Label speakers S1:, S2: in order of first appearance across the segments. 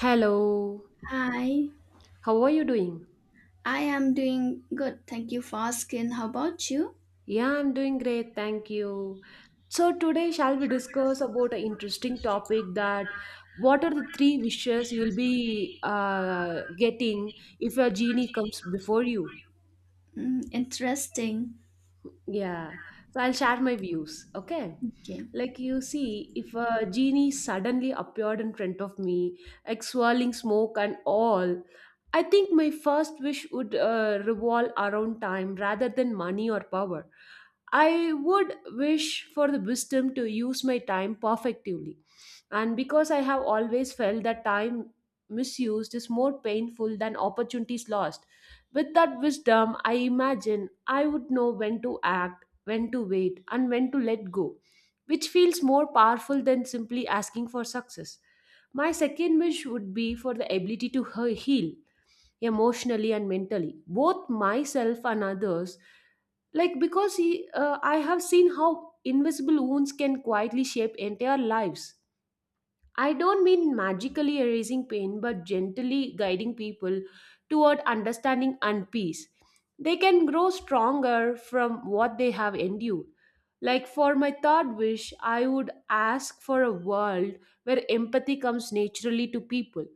S1: Hello,
S2: Hi,
S1: how are you doing?
S2: I am doing good. Thank you for asking. How about you?
S1: Yeah, I'm doing great, thank you. So today shall we discuss about an interesting topic that what are the three wishes you'll be getting if a genie comes before you?
S2: Mm, interesting.
S1: Yeah, so I'll share my views, okay?
S2: Okay.
S1: Like you see, if a genie suddenly appeared in front of me, like swirling smoke and all, I think my first wish would revolve around time rather than money or power. I would wish for the wisdom to use my time perfectively. And because I have always felt that time misused is more painful than opportunities lost, with that wisdom, I imagine I would know when to act, when to wait, and when to let go, which feels more powerful than simply asking for success. My second wish would be for the ability to heal emotionally and mentally both myself and others, like I have seen how invisible wounds can quietly shape entire lives. I don't mean magically erasing pain, but gently guiding people toward understanding and peace. They can grow stronger from what they have endured. Like for my third wish, I would ask for a world where empathy comes naturally to people,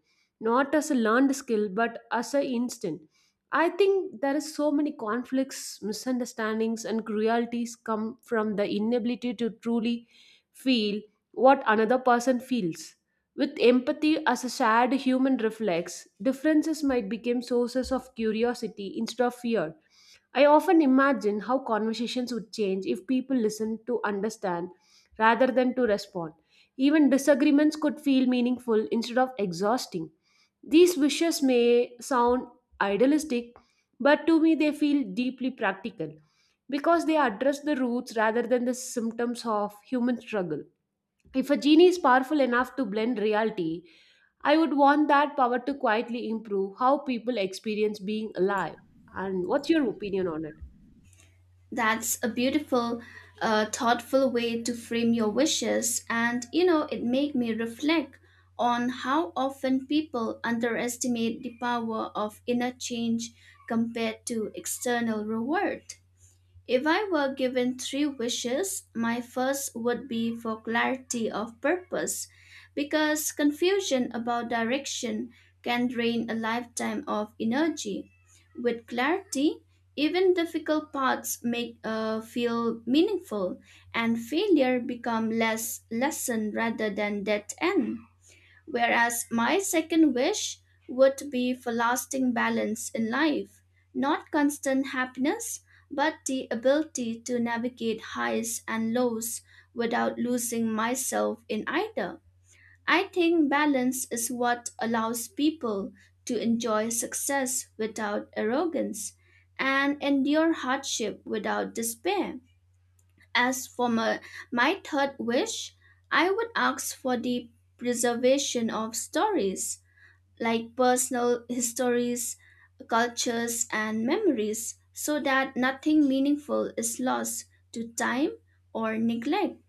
S1: not as a learned skill, but as an instinct. I think there is so many conflicts, misunderstandings, and cruelties come from the inability to truly feel what another person feels. With empathy as a shared human reflex, differences might become sources of curiosity instead of fear. I often imagine how conversations would change if people listened to understand rather than to respond. Even disagreements could feel meaningful instead of exhausting. These wishes may sound idealistic, but to me they feel deeply practical because they address the roots rather than the symptoms of human struggle. If a genie is powerful enough to blend reality, I would want that power to quietly improve how people experience being alive. And what's your opinion on it?
S2: That's a beautiful, thoughtful way to frame your wishes. And, you know, it made me reflect on how often people underestimate the power of inner change compared to external reward. If I were given three wishes, my first would be for clarity of purpose, because confusion about direction can drain a lifetime of energy. With clarity, even difficult paths make feel meaningful, and failure become less lesson rather than dead end. Whereas my second wish would be for lasting balance in life, not constant happiness, but the ability to navigate highs and lows without losing myself in either. I think balance is what allows people to enjoy success without arrogance and endure hardship without despair. As for my, my third wish, I would ask for the preservation of stories, like personal histories, cultures, and memories, so that nothing meaningful is lost to time or neglect.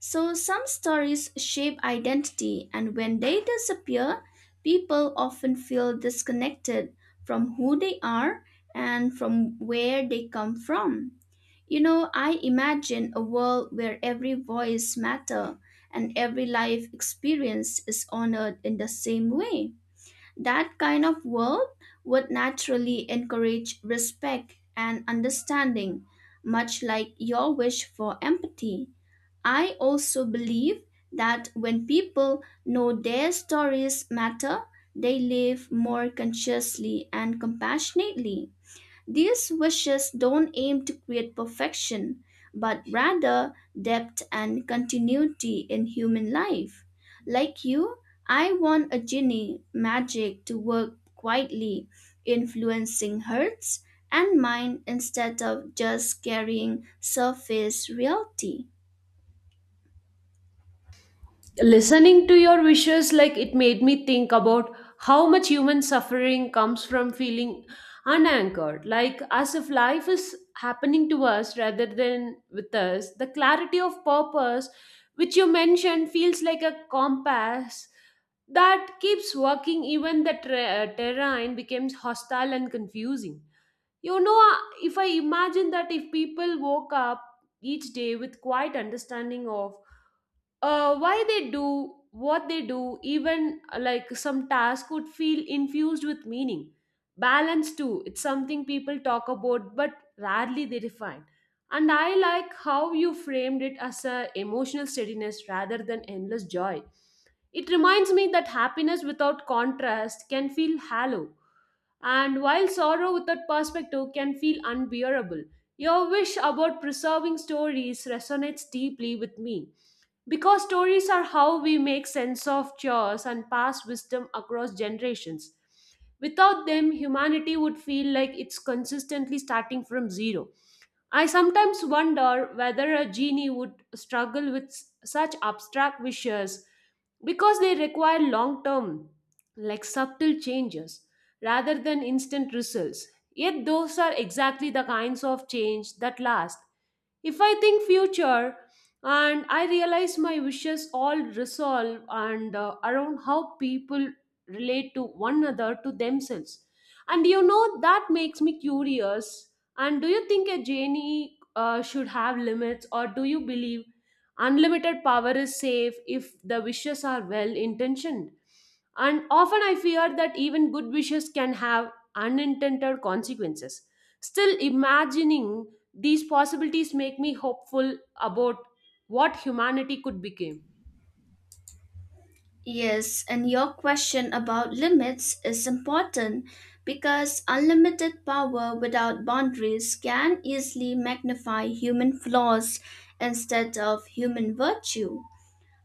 S2: So, some stories shape identity, and when they disappear, people often feel disconnected from who they are and from where they come from. You know, I imagine a world where every voice matters and every life experience is honored in the same way. That kind of world would naturally encourage respect and understanding, much like your wish for empathy. I also believe that when people know their stories matter, they live more consciously and compassionately. These wishes don't aim to create perfection, but rather depth and continuity in human life. Like you, I want a genie magic to work quietly, influencing hearts and mind instead of just carrying surface reality.
S1: Listening to your wishes, like it made me think about how much human suffering comes from feeling unanchored, like as if life is happening to us rather than with us. The clarity of purpose, which you mentioned, feels like a compass that keeps working even the terrain becomes hostile and confusing. You know, uh, if I imagine that if people woke up each day with quiet understanding of why they do what they do, even like some task would feel infused with meaning. Balance too, it's something people talk about but rarely they define, and I like how you framed it as a emotional steadiness rather than endless joy. It reminds me that happiness without contrast can feel hollow, and while sorrow without perspective can feel unbearable. Your wish about preserving stories resonates deeply with me because stories are how we make sense of chores and pass wisdom across generations. Without them, humanity would feel like it's consistently starting from zero. I sometimes wonder whether a genie would struggle with such abstract wishes because they require long term, like subtle changes, rather than instant results. Yet, those are exactly the kinds of change that last. If I think future, and I realize my wishes all resolve and around how people relate to one another, to themselves, and you know, that makes me curious. And do you think a genie should have limits, or do you believe unlimited power is safe if the wishes are well intentioned? And often I fear that even good wishes can have unintended consequences. Still, imagining these possibilities make me hopeful about what humanity could become.
S2: Yes, and your question about limits is important because unlimited power without boundaries can easily magnify human flaws instead of human virtue.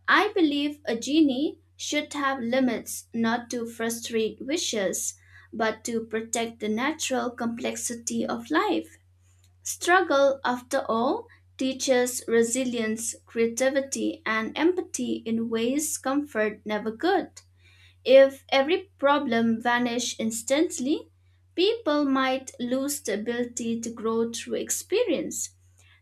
S2: I believe a genie should have limits not to frustrate wishes, but to protect the natural complexity of life. Struggle, after all, teaches resilience, creativity, and empathy in ways comfort never could. If every problem vanished instantly, people might lose the ability to grow through experience.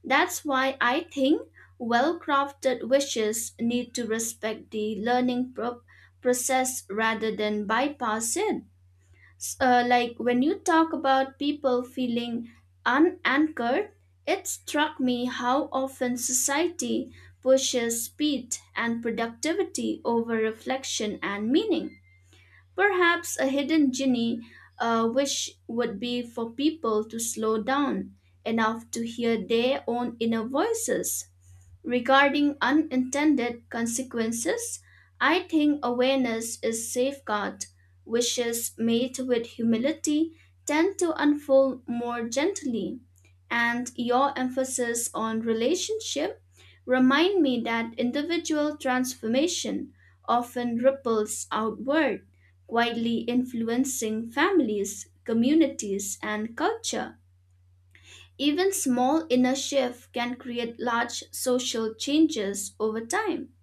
S2: That's why I think well crafted wishes need to respect the process rather than bypass it. Like when you talk about people feeling unanchored, it struck me how often society pushes speed and productivity over reflection and meaning. Perhaps a hidden genie wish would be for people to slow down enough to hear their own inner voices. Regarding unintended consequences, I think awareness is safeguard, wishes made with humility tend to unfold more gently. And your emphasis on relationship remind me that individual transformation often ripples outward, quietly influencing families, communities, and culture. Even small inner shift can create large social changes over time.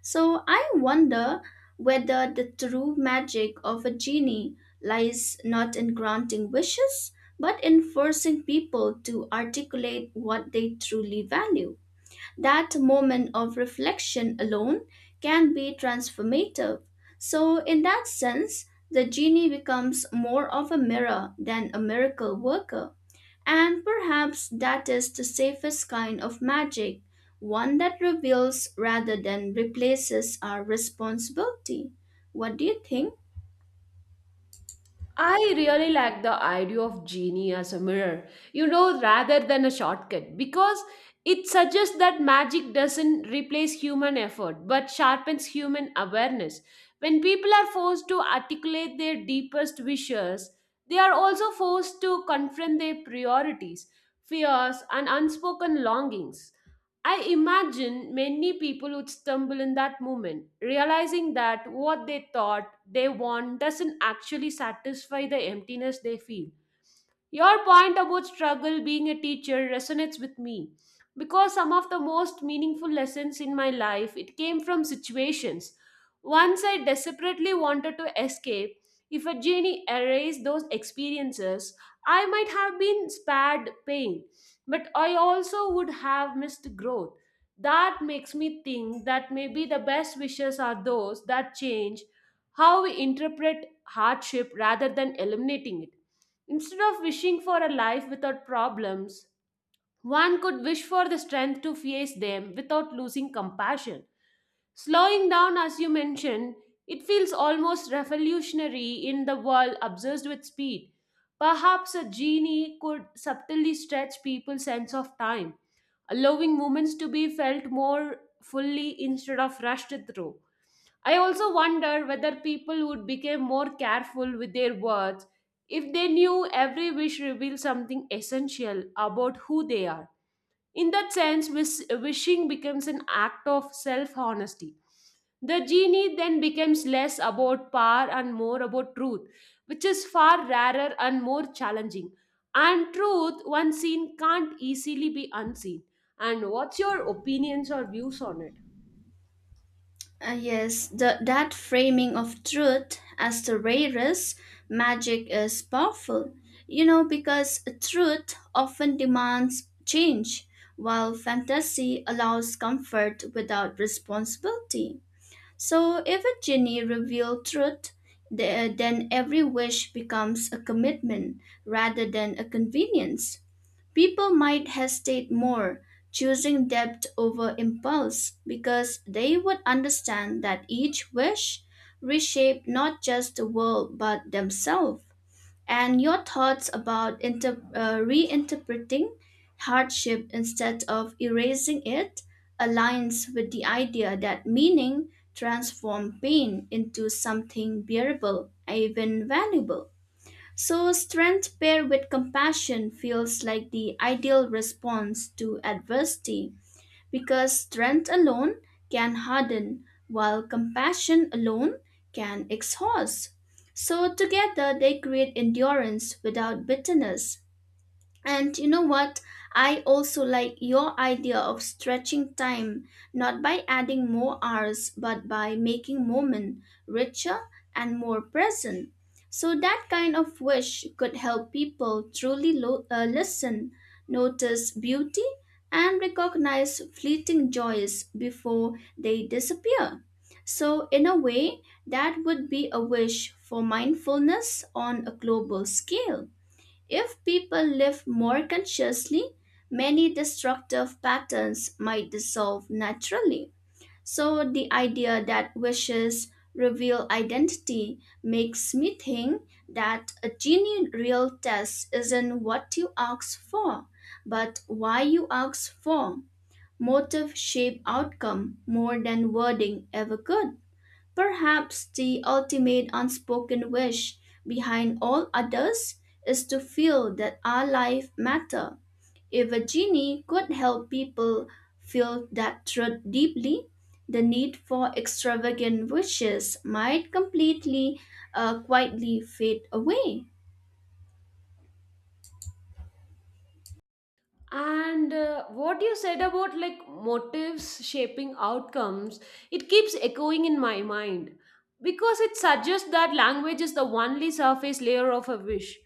S2: So I wonder whether the true magic of a genie lies not in granting wishes, but in forcing people to articulate what they truly value. That moment of reflection alone can be transformative. So, in that sense, the genie becomes more of a mirror than a miracle worker. And perhaps that is the safest kind of magic, one that reveals rather than replaces our responsibility. What do you think?
S1: I really like the idea of genie as a mirror, you know, rather than a shortcut, because it suggests that magic doesn't replace human effort but sharpens human awareness. When people are forced to articulate their deepest wishes, they are also forced to confront their priorities, fears, and unspoken longings. I imagine many people would stumble in that moment, realizing that what they thought they want doesn't actually satisfy the emptiness they feel. Your point about struggle being a teacher resonates with me because some of the most meaningful lessons in my life it came from situations once I desperately wanted to escape. If a genie erased those experiences, I might have been spared pain, but I also would have missed growth. That makes me think that maybe the best wishes are those that change how we interpret hardship rather than eliminating it. Instead of wishing for a life without problems, one could wish for the strength to face them without losing compassion. Slowing down, as you mentioned, it feels almost revolutionary in the world obsessed with speed. Perhaps a genie could subtly stretch people's sense of time, allowing moments to be felt more fully instead of rushed through. I also wonder whether people would become more careful with their words if they knew every wish reveals something essential about who they are. In that sense, wishing becomes an act of self honesty. The genie then becomes less about power and more about truth, which is far rarer and more challenging. And truth, once seen, can't easily be unseen. And what's your opinions or views on it?
S2: Yes, that framing of truth as the rarest magic is powerful. You know, because truth often demands change, while fantasy allows comfort without responsibility. So, if a genie reveals truth, then every wish becomes a commitment rather than a convenience. People might hesitate more, choosing depth over impulse, because they would understand that each wish reshaped not just the world but themselves. And your thoughts about reinterpreting hardship instead of erasing it aligns with the idea that meaning transforms pain into something bearable, even valuable. So, strength paired with compassion feels like the ideal response to adversity because strength alone can harden, while compassion alone can exhaust. So, together they create endurance without bitterness, and you know what? I also like your idea of stretching time, not by adding more hours, but by making moment richer and more present. So that kind of wish could help people truly listen, notice beauty, and recognize fleeting joys before they disappear. So in a way, that would be a wish for mindfulness on a global scale. If people live more consciously, many destructive patterns might dissolve naturally. So, the idea that wishes reveal identity makes me think that a genie real test isn't what you ask for, but why you ask for. Motive shape outcome more than wording ever could. Perhaps the ultimate unspoken wish behind all others is to feel that our life matter. If a genie could help people feel that truth deeply, the need for extravagant wishes might completely quietly fade away.
S1: And What you said about like motives shaping outcomes, it keeps echoing in my mind because it suggests that language is the only surface layer of a wish.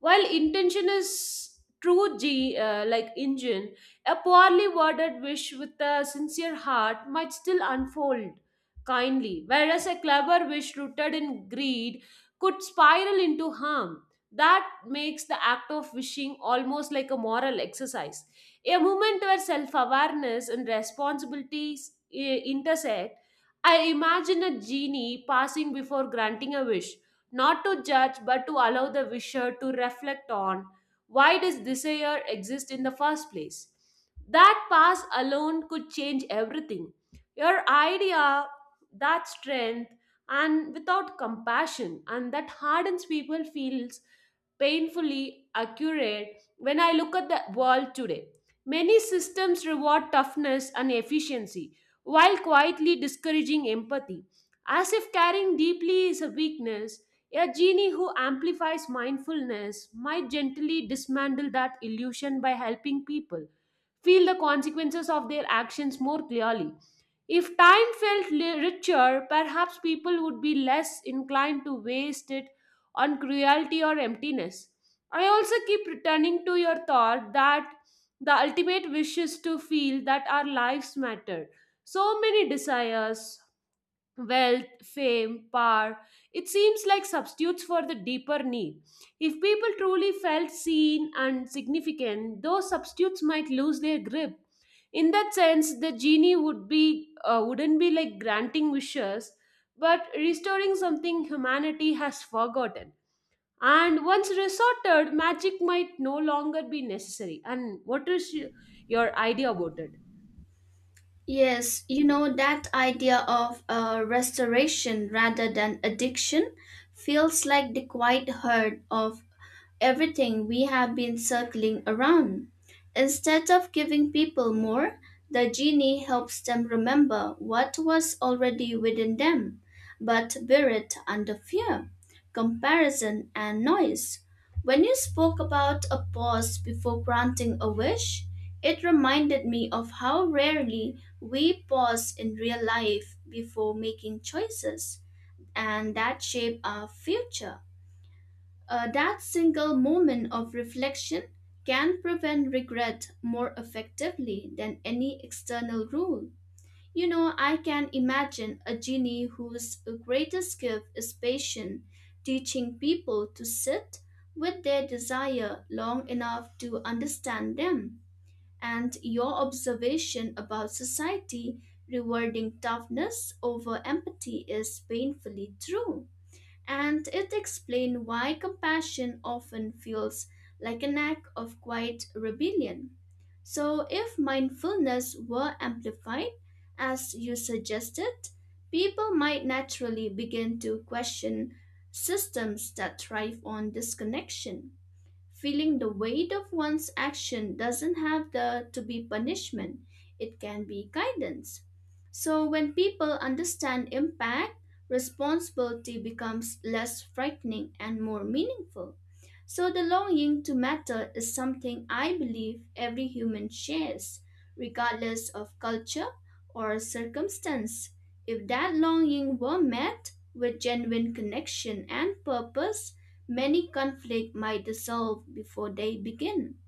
S1: While intention is like engine, a poorly worded wish with a sincere heart might still unfold kindly, whereas a clever wish rooted in greed could spiral into harm. That makes the act of wishing almost like a moral exercise. A moment where self awareness and responsibilities intersect. I imagine a genie passing before granting a wish, not to judge but to allow the wisher to reflect on why does desire exist in the first place. That pass alone could change everything. Your idea, that strength, and without compassion and that hardens people, feels painfully accurate when I look at the world today. Many systems reward toughness and efficiency while quietly discouraging empathy, as if caring deeply is a weakness. A genie who amplifies mindfulness might gently dismantle that illusion by helping people feel the consequences of their actions more clearly. If time felt richer, perhaps people would be less inclined to waste it on cruelty or emptiness. I also keep returning to your thought that the ultimate wish is to feel that our lives matter. So many desires, wealth, fame, power, it seems like substitutes for the deeper need. If people truly felt seen and significant, those substitutes might lose their grip. In that sense, the genie would be wouldn't be like granting wishes, but restoring something humanity has forgotten. And once resorted, magic might no longer be necessary. And what is your idea about it?
S2: Yes, you know, that idea of restoration rather than addiction feels like the quiet hurt of everything we have been circling around. Instead of giving people more, the genie helps them remember what was already within them, but bear it under fear, comparison, and noise. When you spoke about a pause before granting a wish, it reminded me of how rarely we pause in real life before making choices, and that shape our future. That single moment of reflection can prevent regret more effectively than any external rule. You know, I can imagine a genie whose greatest gift is patience, teaching people to sit with their desire long enough to understand them. And your observation about society rewarding toughness over empathy is painfully true, and it explains why compassion often feels like an act of quiet rebellion. So, if mindfulness were amplified, as you suggested, people might naturally begin to question systems that thrive on disconnection. Feeling the weight of one's action doesn't have the, to be punishment, it can be guidance. So, when people understand impact, responsibility becomes less frightening and more meaningful. So, the longing to matter is something I believe every human shares, regardless of culture or circumstance. If that longing were met with genuine connection and purpose, many conflicts might dissolve before they begin.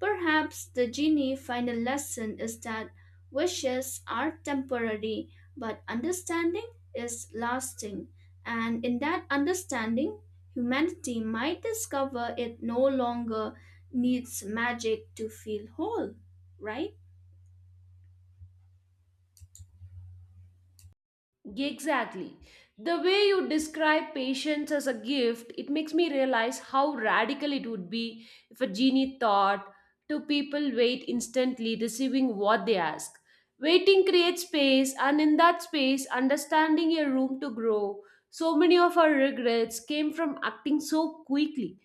S2: Perhaps the genie final lesson is that wishes are temporary, but understanding is lasting. And in that understanding, humanity might discover it no longer needs magic to feel whole, right?
S1: Exactly. The way you describe patience as a gift, it makes me realize how radical it would be if a genie thought two people wait instantly, receiving what they ask. Waiting creates space, and in that space, understanding a room to grow. So many of our regrets came from acting so quickly.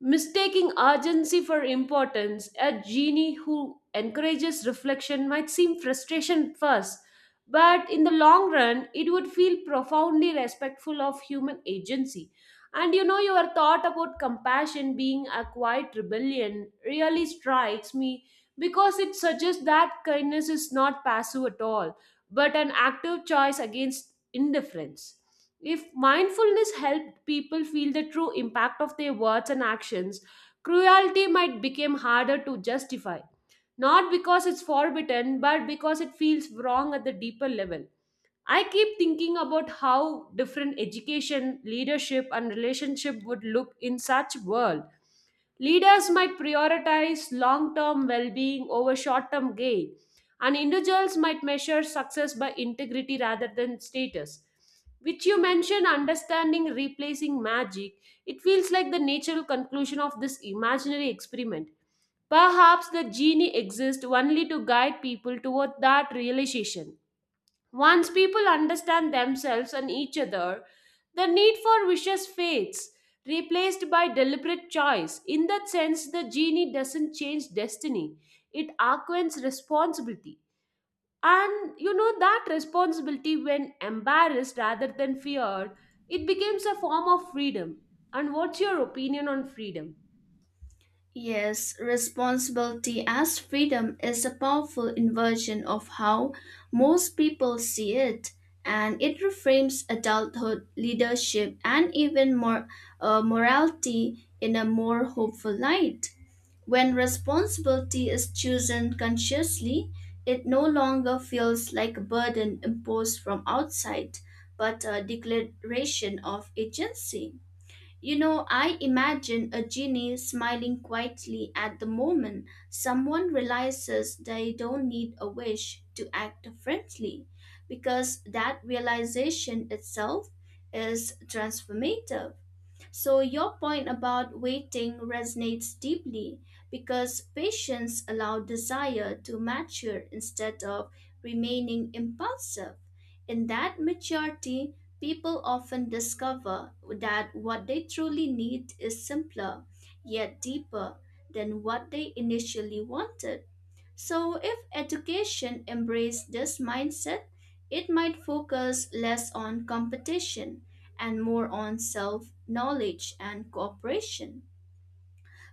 S1: Mistaking urgency for importance, a genie who encourages reflection might seem frustration first, but in the long run, it would feel profoundly respectful of human agency. And you know, your thought about compassion being a quiet rebellion really strikes me because it suggests that kindness is not passive at all, but an active choice against indifference. If mindfulness helped people feel the true impact of their words and actions, cruelty might become harder to justify. Not because it's forbidden, but because it feels wrong at the deeper level. I keep thinking about how different education, leadership, and relationship would look in such world. Leaders might prioritize long term well being over short term gain, and individuals might measure success by integrity rather than status. Which you mentioned, understanding replacing magic, it feels like the natural conclusion of this imaginary experiment. Perhaps the genie exists only to guide people toward that realization. Once people understand themselves and each other, the need for wishes fades, replaced by deliberate choice. In that sense, the genie doesn't change destiny, it augments responsibility. And you know, that responsibility, when embarrassed rather than feared, it becomes a form of freedom. And what's your opinion on freedom?
S2: Yes, responsibility as freedom is a powerful inversion of how most people see it, and it reframes adulthood, leadership, and even more morality in a more hopeful light. When responsibility is chosen consciously, it no longer feels like a burden imposed from outside, but a declaration of agency. You know, I imagine a genie smiling quietly at the moment someone realizes they don't need a wish to act differently, because that realization itself is transformative. So, your point about waiting resonates deeply because patience allows desire to mature instead of remaining impulsive. In that maturity, people often discover that what they truly need is simpler, yet deeper, than what they initially wanted. So, if education embraced this mindset, it might focus less on competition and more on self knowledge and cooperation.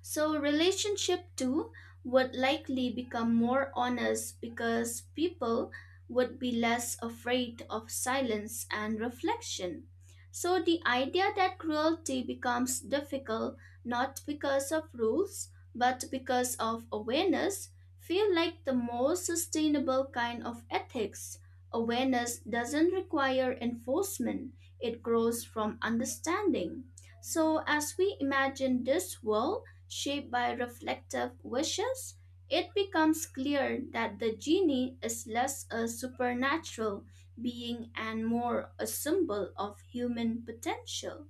S2: So, relationship too would likely become more honest because people would be less afraid of silence and reflection. So, the idea that cruelty becomes difficult not because of rules but because of awareness feel like the most sustainable kind of ethics. Awareness doesn't require enforcement, it grows from understanding. So, as we imagine this world, shaped by reflective wishes, it becomes clear that the genie is less a supernatural being and more a symbol of human potential.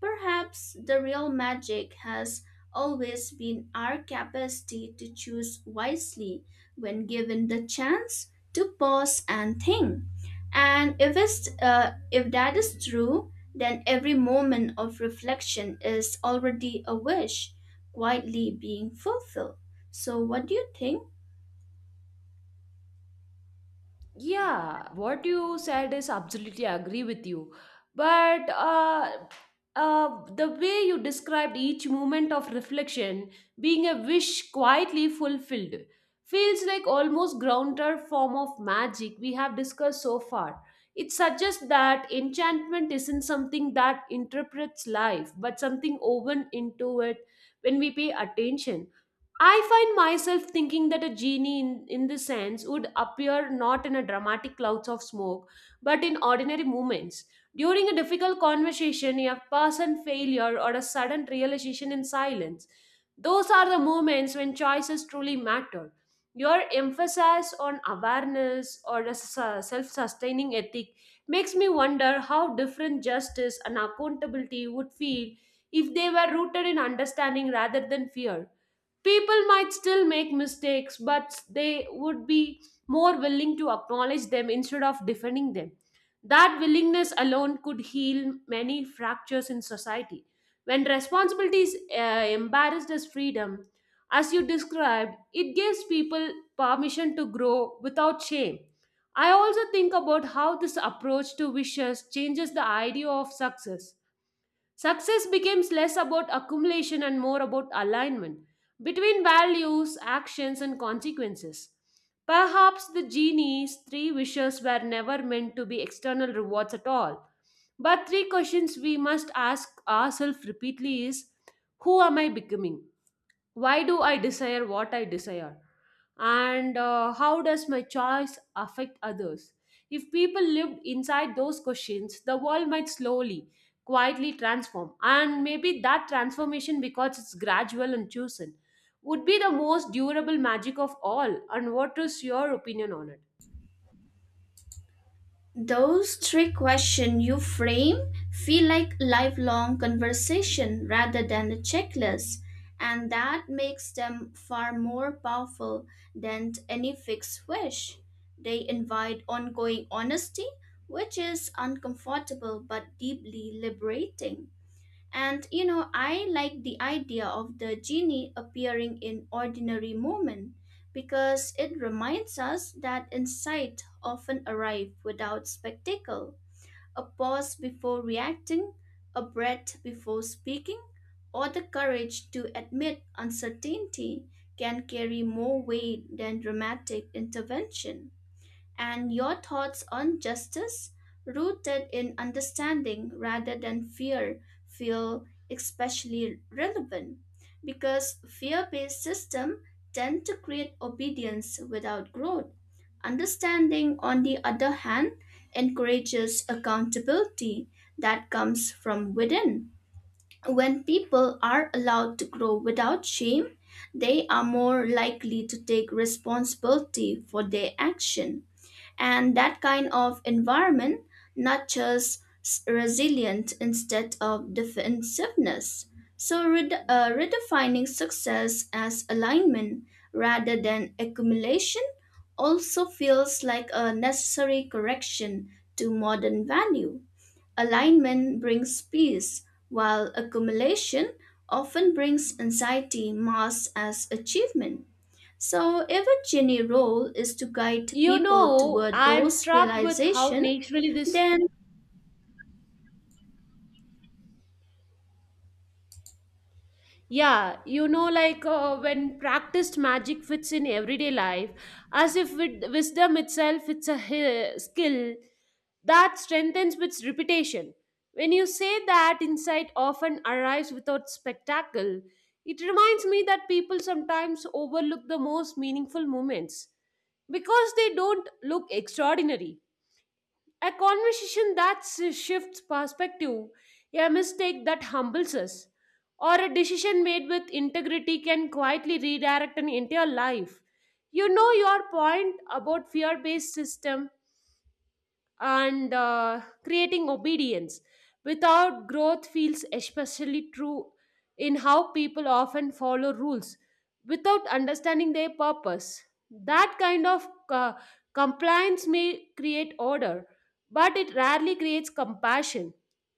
S2: Perhaps the real magic has always been our capacity to choose wisely when given the chance to pause and think. And if that is true, then every moment of reflection is already a wish quietly being fulfilled. So, what do you think?
S1: Yeah, what you said is absolutely agree with you. But the way you described each moment of reflection being a wish quietly fulfilled feels like almost grounded form of magic we have discussed so far. It suggests that enchantment isn't something that interprets life, but something woven into it when we pay attention. I find myself thinking that a genie in this sense would appear not in a dramatic clouds of smoke, but in ordinary moments. During a difficult conversation, a person failure or a sudden realization in silence. Those are the moments when choices truly matter. Your emphasis on awareness or a self sustaining ethic makes me wonder how different justice and accountability would feel if they were rooted in understanding rather than fear. People might still make mistakes, but they would be more willing to acknowledge them instead of defending them. That willingness alone could heal many fractures in society. When responsibility is embarrassed as freedom, as you described, it gives people permission to grow without shame. I also think about how this approach to wishes changes the idea of success. Success becomes less about accumulation and more about alignment between values, actions, and consequences. Perhaps the genie's three wishes were never meant to be external rewards at all. But three questions we must ask ourselves repeatedly is: who am I becoming? Why do I desire what I desire, and how does my choice affect others? If people lived inside those questions, the world might slowly quietly transform, and maybe that transformation, because it's gradual and chosen, would be the most durable magic of all. And what is your opinion on it?
S2: Those three questions you frame feel like lifelong conversation rather than a checklist, and that makes them far more powerful than any fixed wish. They invite ongoing honesty, which is uncomfortable but deeply liberating. And you know, I like the idea of the genie appearing in ordinary moment because it reminds us that insight often arrive without spectacle. A pause before reacting, a breath before speaking, or the courage to admit uncertainty can carry more weight than dramatic intervention, and your thoughts on justice rooted in understanding rather than fear feel especially relevant, because fear-based systems tend to create obedience without growth. Understanding, on the other hand, encourages accountability that comes from within. When people are allowed to grow without shame, they are more likely to take responsibility for their action, and that kind of environment resilience instead of defensiveness. So, redefining success as alignment rather than accumulation also feels like a necessary correction to modern value. Alignment brings peace, while accumulation often brings anxiety masked as achievement. So, if a genie role is to guide
S1: You
S2: people
S1: know,
S2: toward
S1: I'm
S2: those
S1: struck with how
S2: realization,
S1: naturally this.
S2: then
S1: Yeah, you know, like when practiced magic fits in everyday life, as if with wisdom itself, it's a skill that strengthens with reputation. When you say that insight often arrives without spectacle, it reminds me that people sometimes overlook the most meaningful moments because they don't look extraordinary. A conversation that shifts perspective, a mistake that humbles us, or a decision made with integrity can quietly redirect an entire life. You know your point about fear-based system and creating obedience. Without growth feels especially true in how people often follow rules without understanding their purpose. That kind of compliance may create order, but it rarely creates compassion.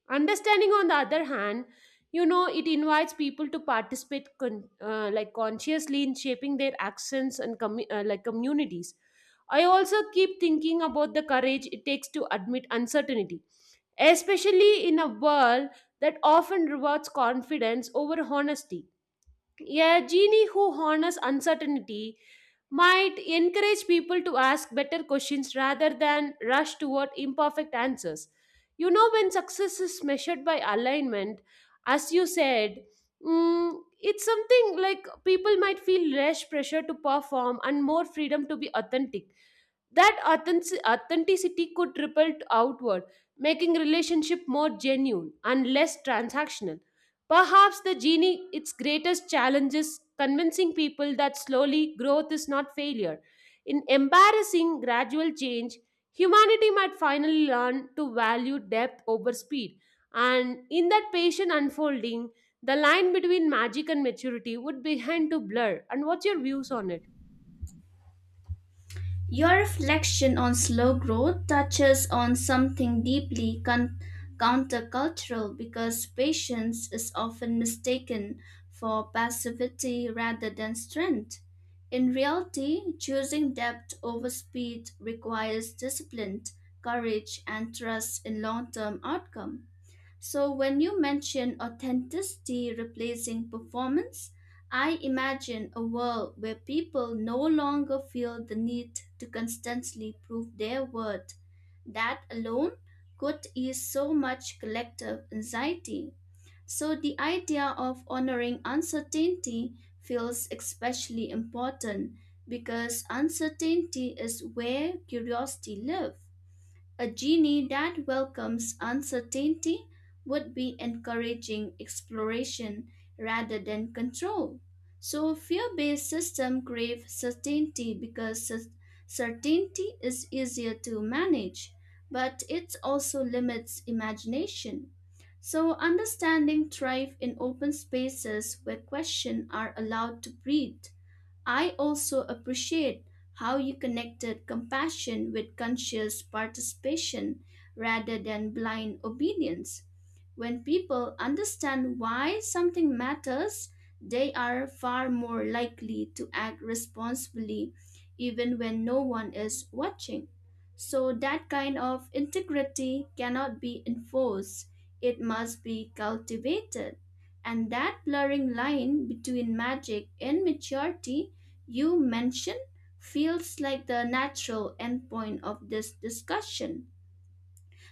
S1: Understanding, on the other hand, you know, it invites people to participate like consciously in shaping their actions and like communities. I also keep thinking about the courage it takes to admit uncertainty, especially in a world that often rewards confidence over honesty. A genie who honors uncertainty might encourage people to ask better questions rather than rush toward imperfect answers. You know, when success is measured by alignment, as you said, it's something like people might feel less pressure to perform and more freedom to be authentic. That authenticity could ripple outward, making relationship more genuine and less transactional. Perhaps the genie, its greatest challenge is convincing people that slowly growth is not failure. In embarrassing gradual change, humanity might finally learn to value depth over speed. And in that patient unfolding, the line between magic and maturity would begin to blur. And what's your views on it?
S2: your reflection on slow growth touches on something deeply countercultural because patience is often mistaken for passivity rather than strength. In reality, choosing depth over speed requires discipline, courage, and trust in long-term outcome. So, when you mention authenticity replacing performance, I imagine a world where people no longer feel the need to constantly prove their worth. That alone could ease so much collective anxiety. So, the idea of honoring uncertainty feels especially important because uncertainty is where curiosity lives. A genie that welcomes uncertainty would be encouraging exploration rather than control. So fear-based systems crave certainty because certainty is easier to manage, but it also limits imagination. So understanding thrive in open spaces where questions are allowed to breathe. I also appreciate how you connected compassion with conscious participation rather than blind obedience. When people understand why something matters, they are far more likely to act responsibly even when no one is watching. So, that kind of integrity cannot be enforced, it must be cultivated. And that blurring line between magic and maturity you mentioned feels like the natural endpoint of this discussion.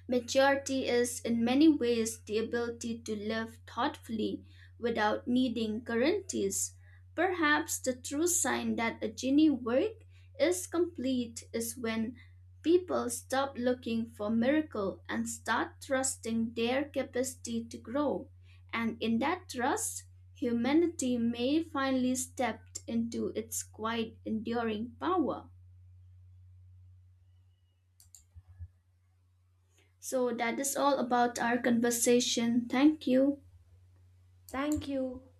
S2: Maturity is, in many ways, the ability to live thoughtfully without needing guarantees. Perhaps the true sign that a genie work is complete is when people stop looking for miracle and start trusting their capacity to grow. And in that trust, humanity may finally step into its quiet, enduring power. So that is all about our conversation. Thank you.
S1: Thank you.